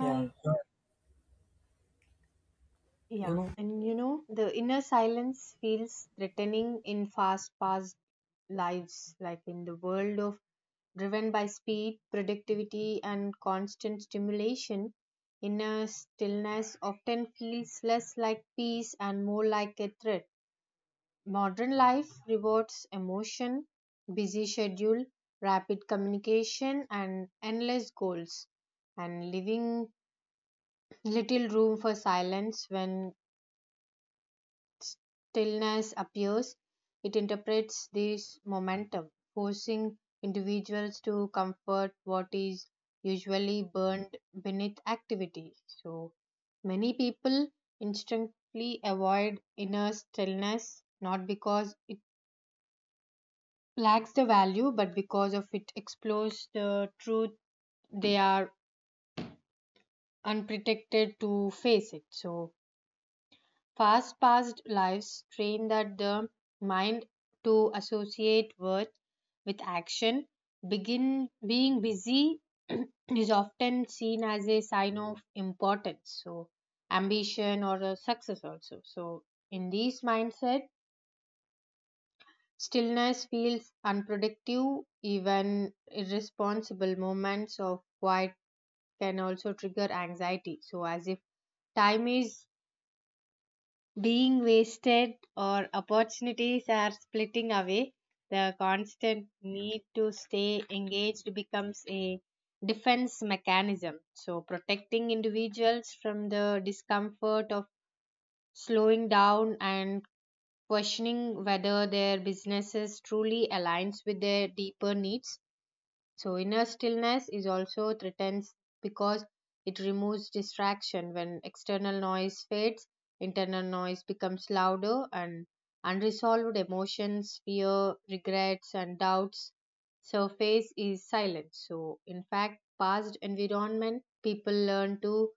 Yeah, you Yeah, know, and you know, the inner silence feels threatening in fast paced lives, like in the world of driven by speed, productivity, and constant stimulation. Inner stillness often feels less like peace and more like a threat. Modern life rewards emotion, busy schedule, rapid communication, and endless goals, and leaving little room for silence. When stillness appears, it interprets this momentum, forcing individuals to comfort what is usually burned beneath activity. So, many people instinctively avoid inner stillness not because it lacks the value but because of it explores the truth they are unprotected to face it. So past lives train that the mind to associate worth with action. Begin being busy is often seen as a sign of importance, so ambition or a success also. So in this mindset, stillness feels unproductive. Even irresponsible moments of quiet can also trigger anxiety. So as if time is being wasted or opportunities are splitting away, the constant need to stay engaged becomes a defense mechanism. So, protecting individuals from the discomfort of slowing down and questioning whether their businesses truly aligns with their deeper needs. So, inner stillness is also threatened because it removes distraction. When external noise fades, internal noise becomes louder, and unresolved emotions, fear, regrets, and doubts surface is silent. So, in fact, past environment people learn to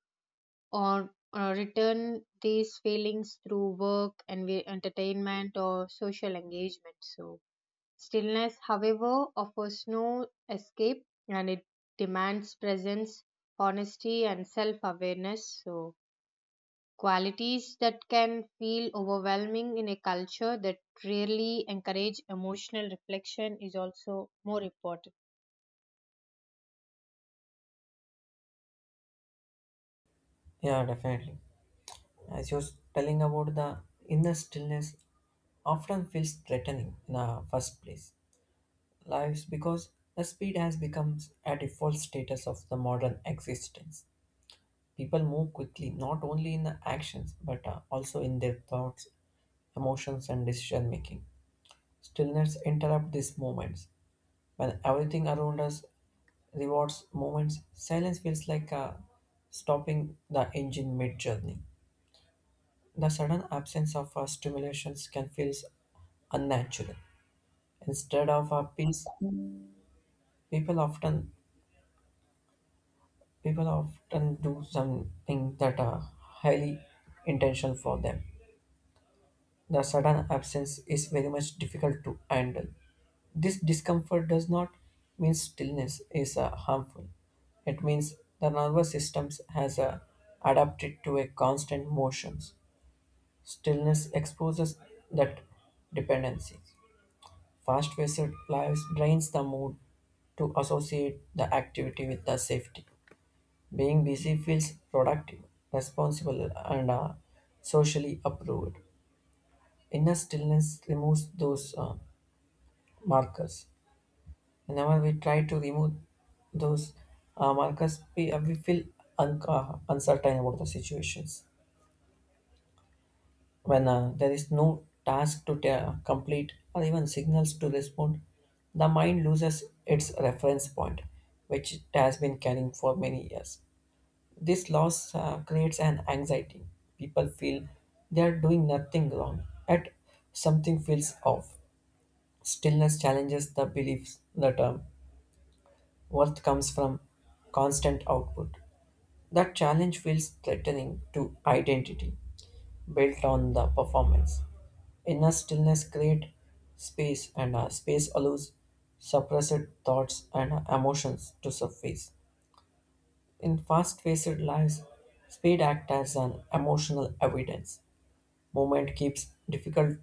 or return these feelings through work and entertainment or social engagement. So, stillness, however, offers no escape, and it demands presence, honesty, and self awareness. So, qualities that can feel overwhelming in a culture that rarely encourage emotional reflection is also more important. yeah, definitely. As you was telling about the inner stillness often feels threatening in the first place. Lives because the speed has become a default status of the modern existence. People move quickly, not only in the actions, but also in their thoughts, emotions, and decision making. Stillness interrupts these moments. When everything around us rewards moments, silence feels like a stopping the engine mid journey. The sudden absence of stimulations can feel unnatural. Instead of a peace, people often people often do something that are highly intentional for them. The sudden absence is very much difficult to handle. This discomfort does not mean stillness is harmful. It means the nervous system has adapted to a constant motions. Stillness exposes that dependency. Fast paced lives drains the mood to associate the activity with the safety. Being busy feels productive, responsible, and socially approved. Inner stillness removes those markers. Whenever we try to remove those markers, we feel uncertain about the situations. When there is no task to complete or even signals to respond, the mind loses its reference point, which it has been carrying for many years. This loss creates an anxiety. People feel they are doing nothing wrong, yet something feels off. Stillness challenges the beliefs that worth comes from constant output. That challenge feels threatening to identity built on the performance. Inner stillness creates space, and space allows suppressed thoughts and emotions to surface. In fast paced lives, speed acts as an emotional evidence. Movement keeps difficult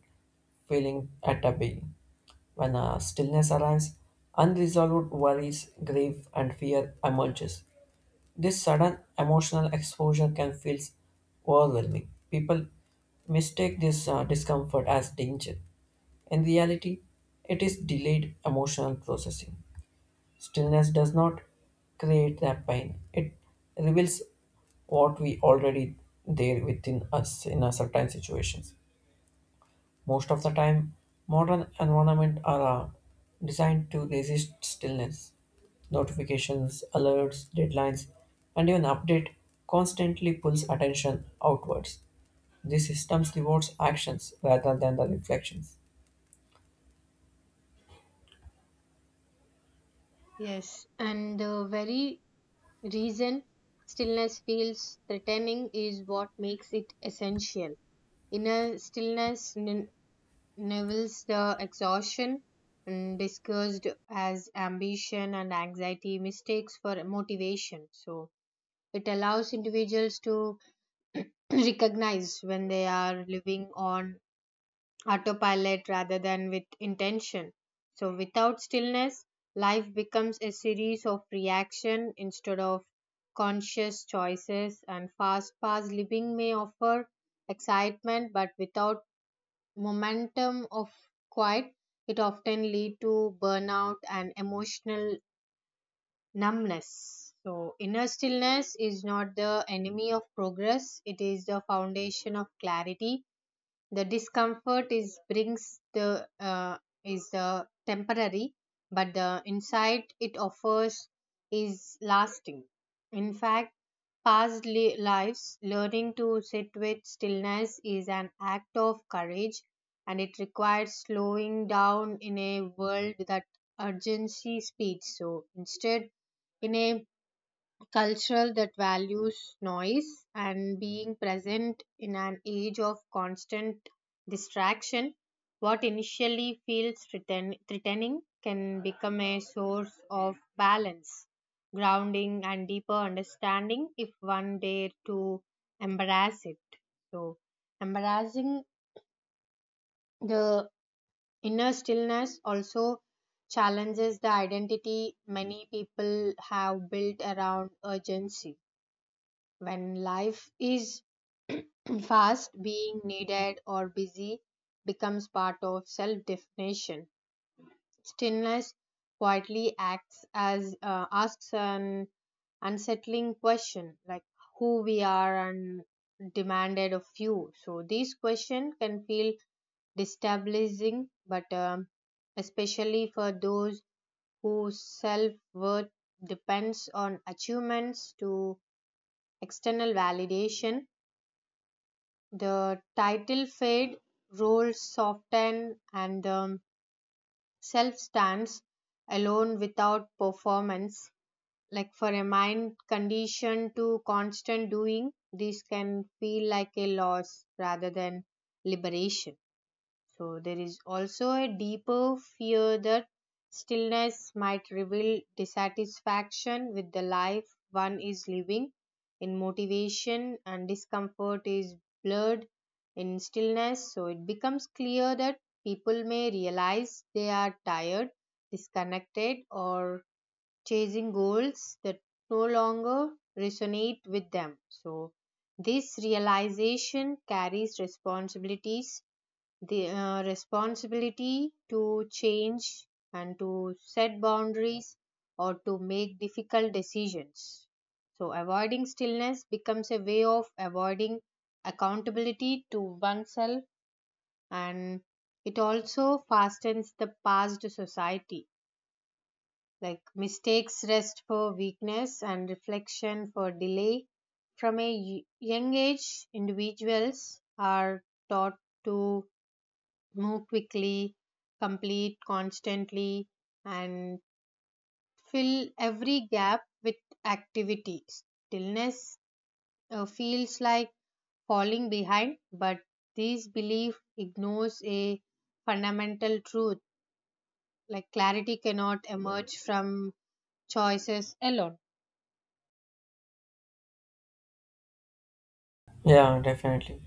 feeling at a bay. When stillness arrives, unresolved worries, grief, and fear emerges. This sudden emotional exposure can feel overwhelming. People mistake this discomfort as danger. In reality, it is delayed emotional processing. Stillness does not create that pain, it reveals what we already there within us in a certain situations. Most of the time, modern environments are designed to resist stillness. Notifications, alerts, deadlines, and even update constantly pulls attention outwards. These systems rewards actions rather than the reflections. Yes, and the very reason stillness feels threatening is what makes it essential. Inner stillness Neville's the exhaustion, and discussed as ambition and anxiety, mistakes for motivation. So it allows individuals to recognize when they are living on autopilot rather than with intention. So without stillness, life becomes a series of reaction instead of conscious choices, and fast paced living may offer excitement but without momentum of quiet it often lead to burnout and emotional numbness. So inner stillness is not the enemy of progress, it is the foundation of clarity. The discomfort is brings the is temporary, but the insight it offers is lasting. In fact, past lives learning to sit with stillness is an act of courage, and it requires slowing down in a world that urgency speeds. So instead, in a culture that values noise and being present in an age of constant distraction, what initially feels threatening can become a source of balance, grounding, and deeper understanding if one dare to embrace it. So, embracing the inner stillness also challenges the identity many people have built around urgency. When life is fast, being needed, or busy becomes part of self definition. Stillness quietly acts as asks an unsettling question like who we are and demanded of you. So these questions can feel destabilizing, but especially for those whose self worth depends on achievements to external validation. The title fade, roles soften, and the self stands alone without performance. Like for a mind conditioned to constant doing, this can feel like a loss rather than liberation. So there is also a deeper fear that stillness might reveal dissatisfaction with the life one is living. In motivation and discomfort is blurred in stillness, so it becomes clear that people may realize they are tired, disconnected, or chasing goals that no longer resonate with them. So this realization carries responsibilities, the responsibility to change and to set boundaries or to make difficult decisions. So, avoiding stillness becomes a way of avoiding accountability to oneself, and it also fastens the past society. Like mistakes rest for weakness and reflection for delay. From a young age, individuals are taught to move quickly, complete constantly, and fill every gap with activity. Stillness feels like falling behind, but this belief ignores a fundamental truth, like clarity cannot emerge from choices alone. Yeah, definitely.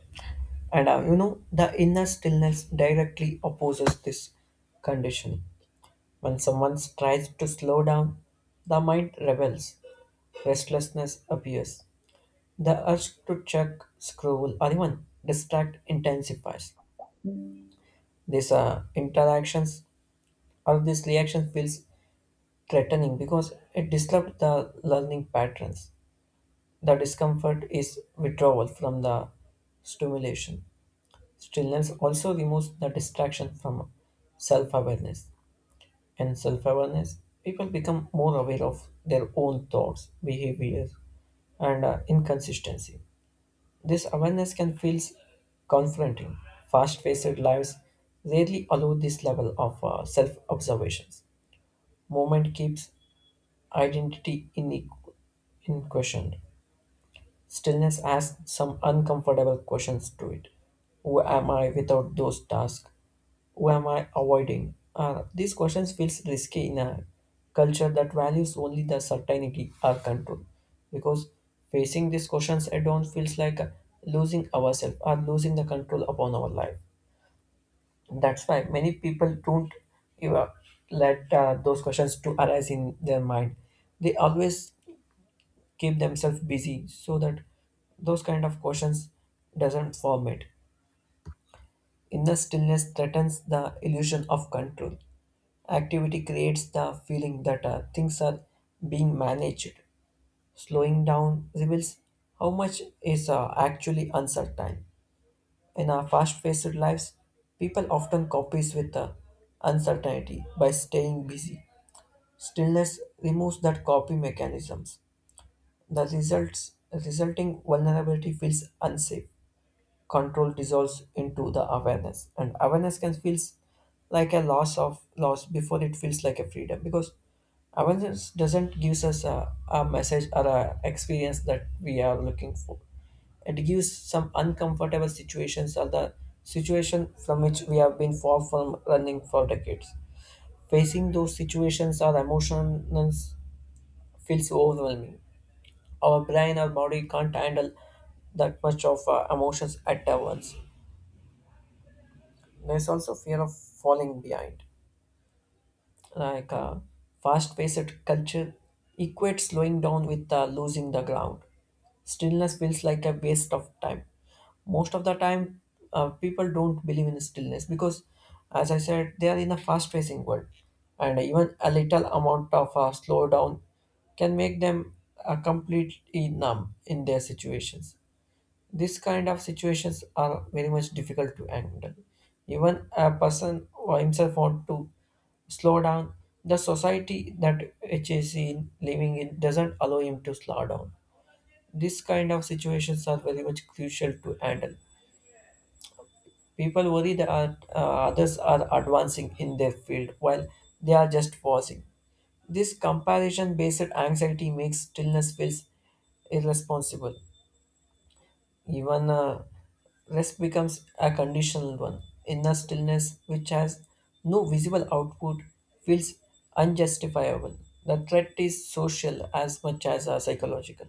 And you know, the inner stillness directly opposes this conditioning. When someone tries to slow down, the mind rebels, restlessness appears. The urge to check, scroll, or even distract intensifies. These interactions or this reaction feels threatening because it disrupts the learning patterns. The discomfort is withdrawal from the stimulation. Stillness also removes the distraction from self awareness. And self awareness, people become more aware of their own thoughts, behavior, and inconsistency. This awareness can feel confronting. Fast paced lives rarely allow this level of self observations. Movement keeps identity in, question. Stillness asks some uncomfortable questions to it. Who am I without those tasks? Who am I avoiding? These questions feels risky in a culture that values only the certainty or control. Because facing these questions head-on feels like losing ourselves or losing the control upon our life. That's why many people don't give up, let those questions to arise in their mind. They always keep themselves busy so that those kind of questions doesn't form it. Inner stillness threatens the illusion of control. Activity creates the feeling that things are being managed. Slowing down reveals how much is actually uncertain. In our fast-paced lives, people often copies with the uncertainty by staying busy. Stillness removes that copy mechanisms. The results, resulting vulnerability feels unsafe. Control dissolves into the awareness, and awareness can feels like a loss of loss before it feels like a freedom because awareness doesn't gives us a message or a experience that we are looking for. It gives some uncomfortable situations or the situation from which we have been far from running for decades. Facing those situations or emotions feels overwhelming, our brain or body can't handle that much of emotions at once. There's also fear of falling behind. Like fast-paced culture equates slowing down with losing the ground. Stillness feels like a waste of time. Most of the time, people don't believe in stillness because, as I said, they are in a fast-pacing world, and even a little amount of slowdown can make them completely numb in their situations. This kind of situations are very much difficult to handle. Even a person or himself want to slow down, the society that which is in living in doesn't allow him to slow down. This kind of situations are very much crucial to handle. People worry that others are advancing in their field while they are just pausing. This comparison based anxiety makes stillness feels irresponsible. Even rest becomes a conditional one. Inner stillness, which has no visible output, feels unjustifiable. The threat is social as much as psychological.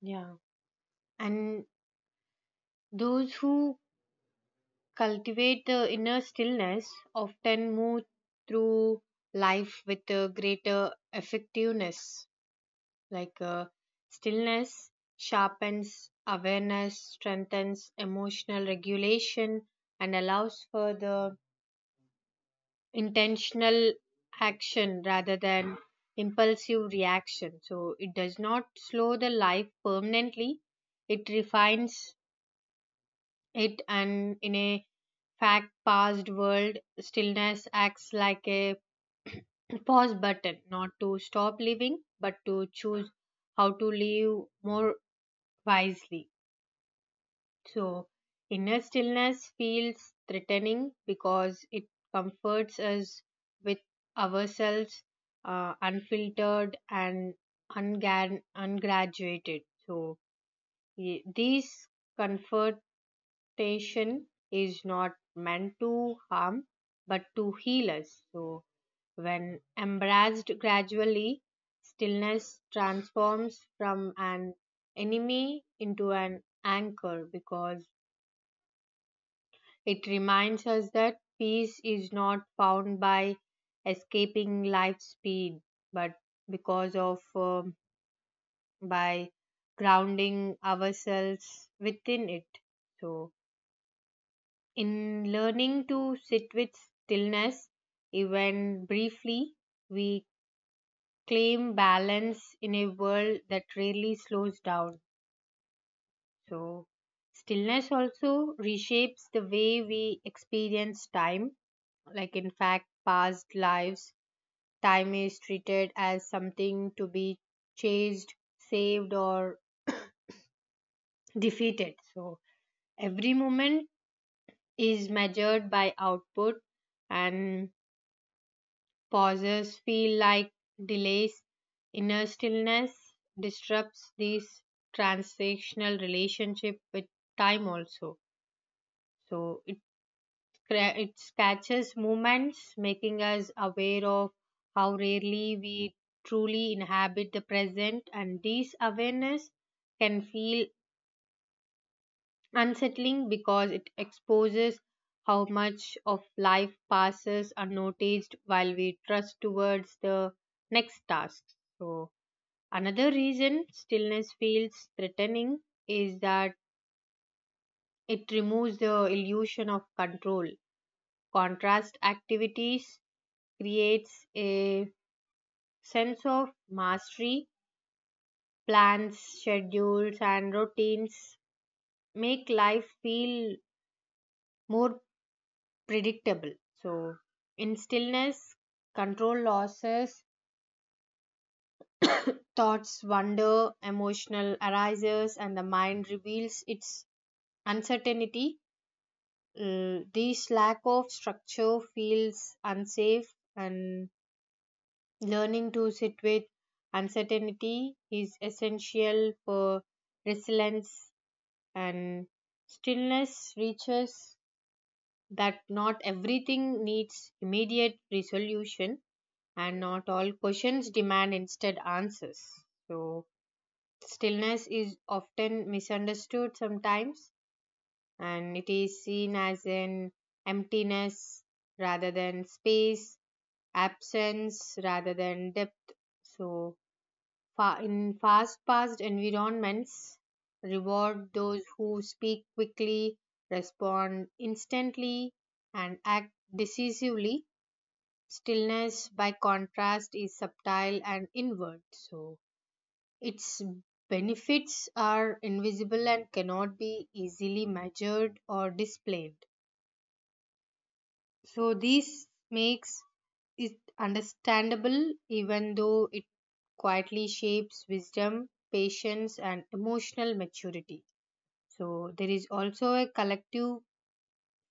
Yeah. And those who cultivate the inner stillness often move through life with a greater effectiveness. Like stillness sharpens awareness, strengthens emotional regulation, and allows for the intentional action rather than impulsive reaction. So it does not slow the life permanently, it refines it. And in a fact past world, stillness acts like a pause button, not to stop living but to choose how to live more wisely. So, inner stillness feels threatening because it comforts us with ourselves, unfiltered and ungraduated. So, these comfort temptation is not meant to harm but to heal us. So, when embraced gradually, stillness transforms from an enemy into an anchor, because it reminds us that peace is not found by escaping life's speed but because of by grounding ourselves within it. So, in learning to sit with stillness, even briefly, we claim balance in a world that rarely slows down. So, stillness also reshapes the way we experience time. Like, in fact, past lives, time is treated as something to be chased, saved, or defeated. So, every moment is measured by output, and pauses feel like delays. Inner stillness disrupts this transactional relationship with time also. So it, it catches moments, making us aware of how rarely we truly inhabit the present, and this awareness can feel unsettling because it exposes how much of life passes unnoticed while we trust towards the next task. So, another reason stillness feels threatening is that it removes the illusion of control. Contrast activities creates a sense of mastery. Plans, schedules, and routines make life feel more predictable. So, in stillness, control losses, thoughts wander, emotional arises, and the mind reveals its uncertainty. This lack of structure feels unsafe, and learning to sit with uncertainty is essential for resilience, and stillness reaches that not everything needs immediate resolution and not all questions demand instead answers. So, stillness is often misunderstood sometimes, and it is seen as an emptiness rather than space, absence rather than depth. So, in fast paced environments, reward those who speak quickly, respond instantly, and act decisively. Stillness, by contrast, is subtle and inward, so its benefits are invisible and cannot be easily measured or displayed. So, this makes it understandable even though it quietly shapes wisdom, patience, and emotional maturity. So, there is also a collective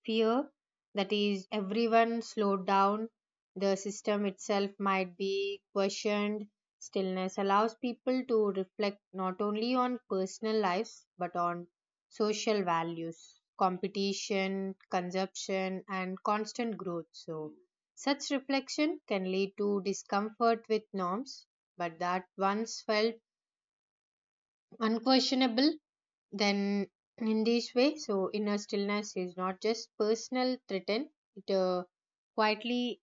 fear that is everyone slowed down the system itself might be questioned. Stillness allows people to reflect not only on personal lives but on social values, competition, consumption, and constant growth. So such reflection can lead to discomfort with norms but that once felt unquestionable. Then in this way, so inner stillness is not just personal threaten, it quietly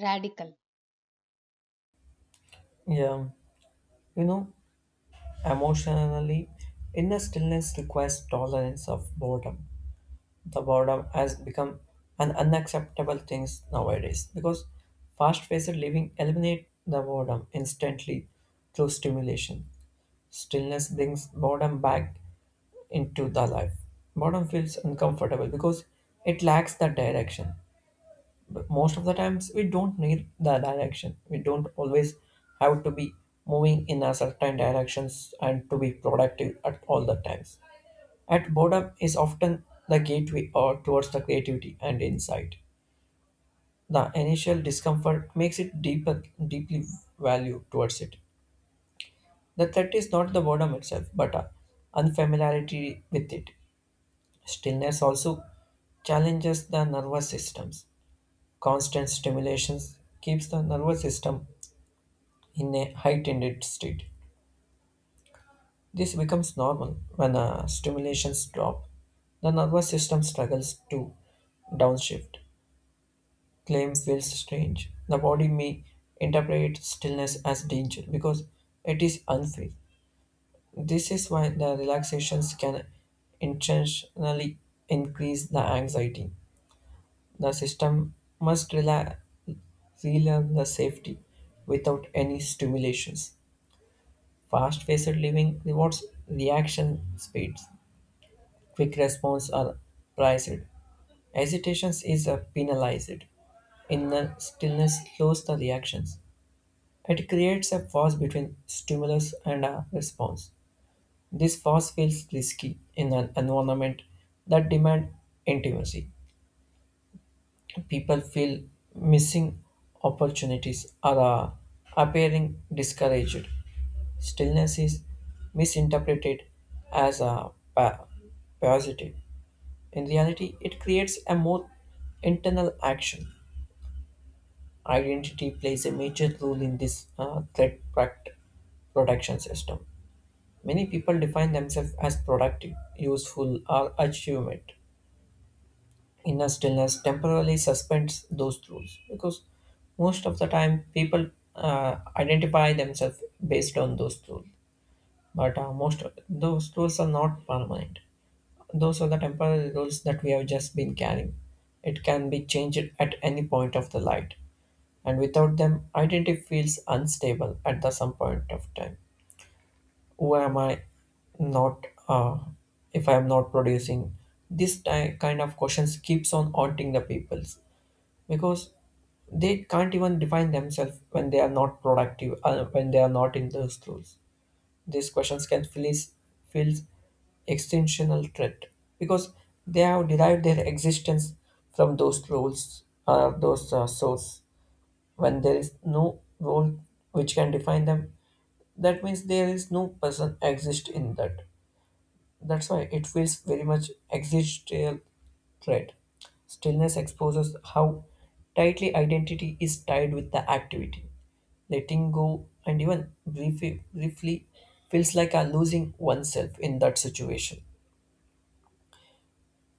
radical. Yeah, you know, emotionally, inner stillness requires tolerance of boredom. The boredom has become an unacceptable thing nowadays because fast-paced living eliminate the boredom instantly through stimulation. Stillness brings boredom back into the life. Boredom feels uncomfortable because it lacks the direction. But most of the times, we don't need the direction. We don't always have to be moving in a certain directions and to be productive at all the times. At boredom is often the gateway or towards the creativity and insight. The initial discomfort makes it deeper, deeply value towards it. The threat is not the boredom itself, but a unfamiliarity with it. Stillness also challenges the nervous systems. Constant stimulations keeps the nervous system in a heightened state. This becomes normal when stimulations drop. The nervous system struggles to downshift. Claim feels strange. The body may interpret stillness as danger because it is unfair. This is why the relaxations can intentionally increase the anxiety. The system must relearn the safety without any stimulations. Fast paced living rewards reaction speeds. Quick response are prized. Hesitations is penalized. Inner stillness slows the reactions. It creates a pause between stimulus and a response. This pause feels risky in an environment that demand intimacy. People feel missing opportunities or appearing discouraged. Stillness is misinterpreted as a positive. In reality, it creates a more internal action. Identity plays a major role in this threat protection system. Many people define themselves as productive, useful, or achievement. Inner stillness temporarily suspends those rules because most of the time people identify themselves based on those rules. But most of those rules are not permanent. Those are the temporary rules that we have just been carrying. It can be changed at any point of the light, and without them, identity feels unstable at the some point of time. Who am I not if I am not producing? This kind of questions keeps on haunting the peoples because they can't even define themselves when they are not productive, when they are not in the schools. These questions can feels extensional threat because they have derived their existence from those roles or those source. When there is no role which can define them, that means there is no person exist in that. That's why it feels very much existential threat. Stillness exposes how tightly identity is tied with the activity. Letting go and even briefly feels like a losing oneself in that situation.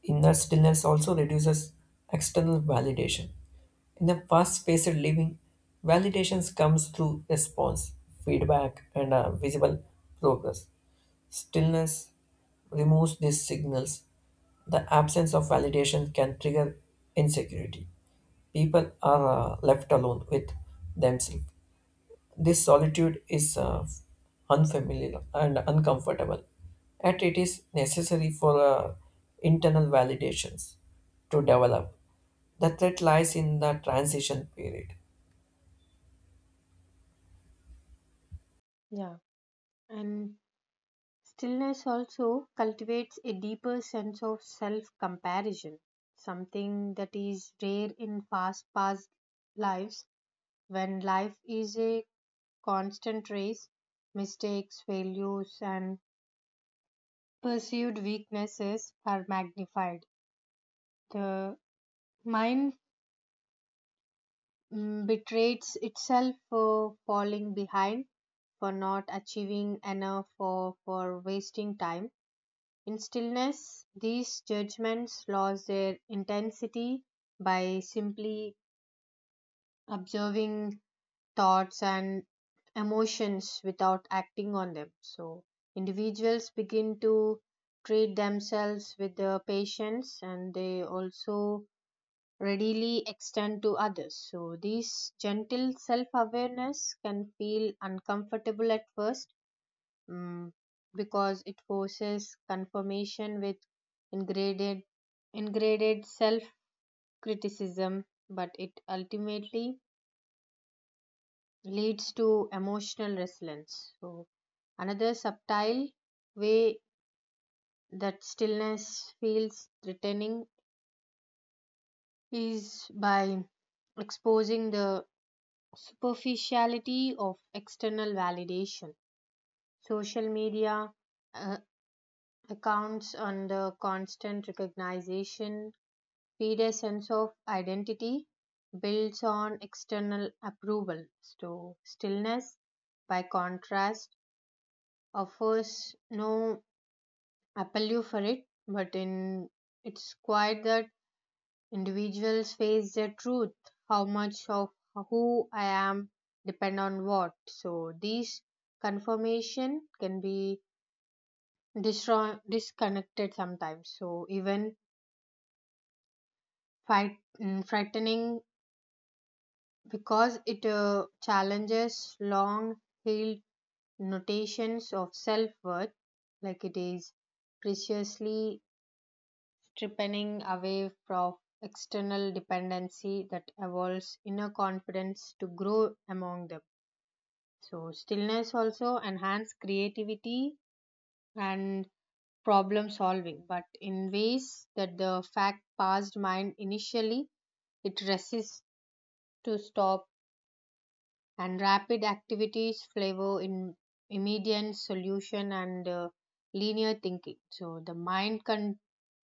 Inner stillness also reduces external validation. In a fast-paced living, validations comes through response, feedback, and visible progress. Stillness removes these signals. The absence of validation can trigger insecurity. People are left alone with themselves. This solitude is unfamiliar and uncomfortable, yet it is necessary for internal validations to develop. The threat lies in the transition period. Yeah, and stillness also cultivates a deeper sense of self comparison, something that is rare in fast paced lives. When life is a constant race, mistakes, failures, and perceived weaknesses are magnified. The mind betrays itself for falling behind, for not achieving enough, or for wasting time. In stillness, these judgments lose their intensity by simply observing thoughts and emotions without acting on them. So, individuals begin to treat themselves with the patience, and they also readily extend to others. So, this gentle self awareness can feel uncomfortable at first, mm, because it forces confirmation with ingrained, ingrained self criticism, but it ultimately leads to emotional resilience. So, another subtle way that stillness feels threatening is by exposing the superficiality of external validation. Social media uh, accounts on the constant recognition feed a sense of identity builds on external approval. So stillness, by contrast, offers no appeal for it, but in it's quite that individuals face their truth, how much of who I am depend on what. So these confirmation can be disconnected sometimes. So even frightening because it challenges long held notations of self worth, like it is preciously tripping away from external dependency that evolves inner confidence to grow among them. So, stillness also enhances creativity and problem solving, but in ways that the fact passed mind initially, it resists to stop, and rapid activities flavor in immediate solution and linear thinking. So the mind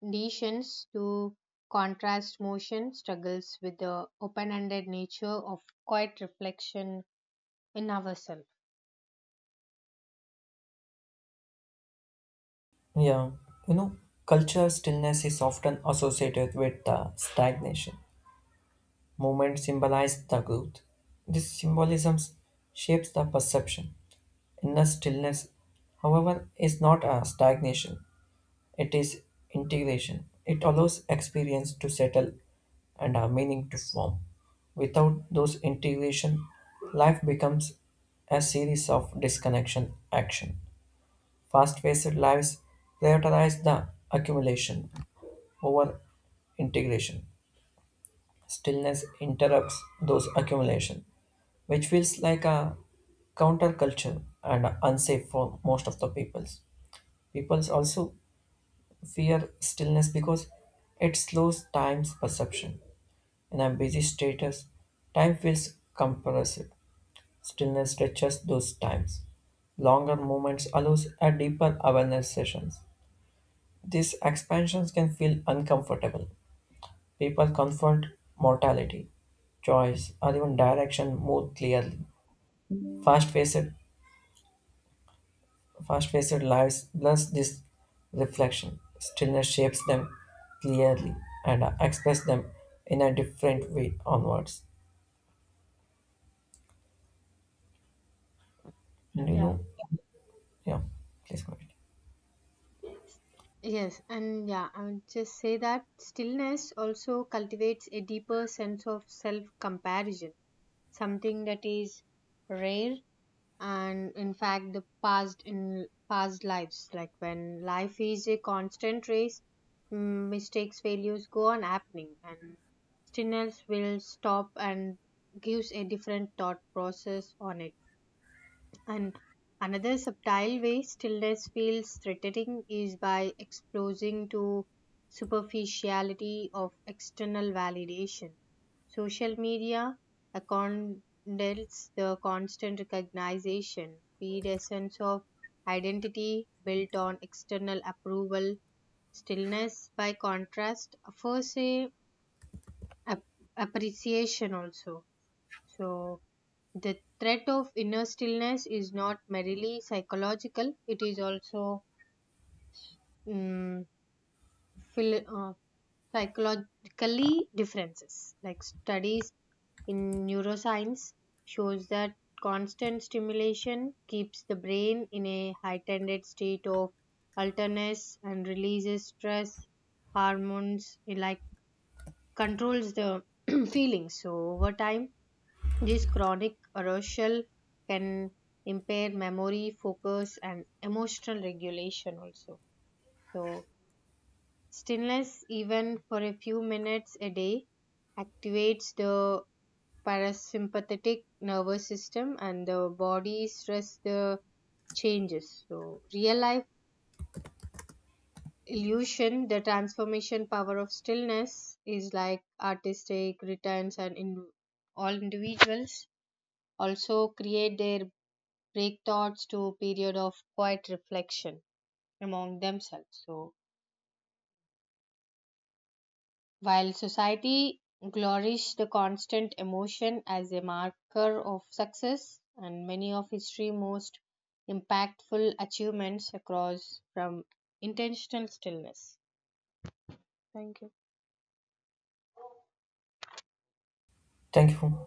conditions to contrast motion struggles with the open-ended nature of quiet reflection in ourselves. Yeah, you know, culture stillness is often associated with stagnation. Movement symbolized the growth. This symbolism shapes the perception. Inner stillness, however, is not a stagnation, it is integration. It allows experience to settle and a meaning to form. Without those integration, life becomes a series of disconnection action. Fast-paced lives prioritize the accumulation over integration. Stillness interrupts those accumulation, which feels like a counterculture and unsafe for most of the peoples. Peoples also fear stillness because it slows time's perception. In a busy status, time feels compressive. Stillness stretches those times. Longer moments allows a deeper awareness sessions. These expansions can feel uncomfortable. People confront mortality, choice, or even direction more clearly. Fast-paced Fast-paced lives blurs this reflection. Stillness shapes them clearly and expresses them in a different way onwards. And you Yeah. know, yeah, please go ahead. Yes, and yeah, I would just say that stillness also cultivates a deeper sense of self comparison, something that is rare and in fact the past in past lives, like when life is a constant race, mistakes failures go on happening and stillness will stop and gives a different thought process on it. And another subtle way stillness feels threatening is by exposing to superficiality of external validation. Social media accommodates the constant recognition, feed a sense of identity built on external approval. Stillness, by contrast, offers a ap- appreciation also. So the threat of inner stillness is not merely psychological, it is also um phil- uh, psychologically differences. Like studies in neuroscience shows that constant stimulation keeps the brain in a heightened state of alertness and releases stress hormones. It like controls the feelings. So over time, this chronic arousal can impair memory, focus, and emotional regulation also. So, stillness, even for a few minutes a day, activates the parasympathetic nervous system and the body stress the changes. So, real life illusion, the transformation power of stillness is like artistic returns, and in all individuals also create their break thoughts to a period of quiet reflection among themselves. So, while society glories the constant emotion as a marker of success, and many of history's most impactful achievements across from intentional stillness. Thank you. Thank you.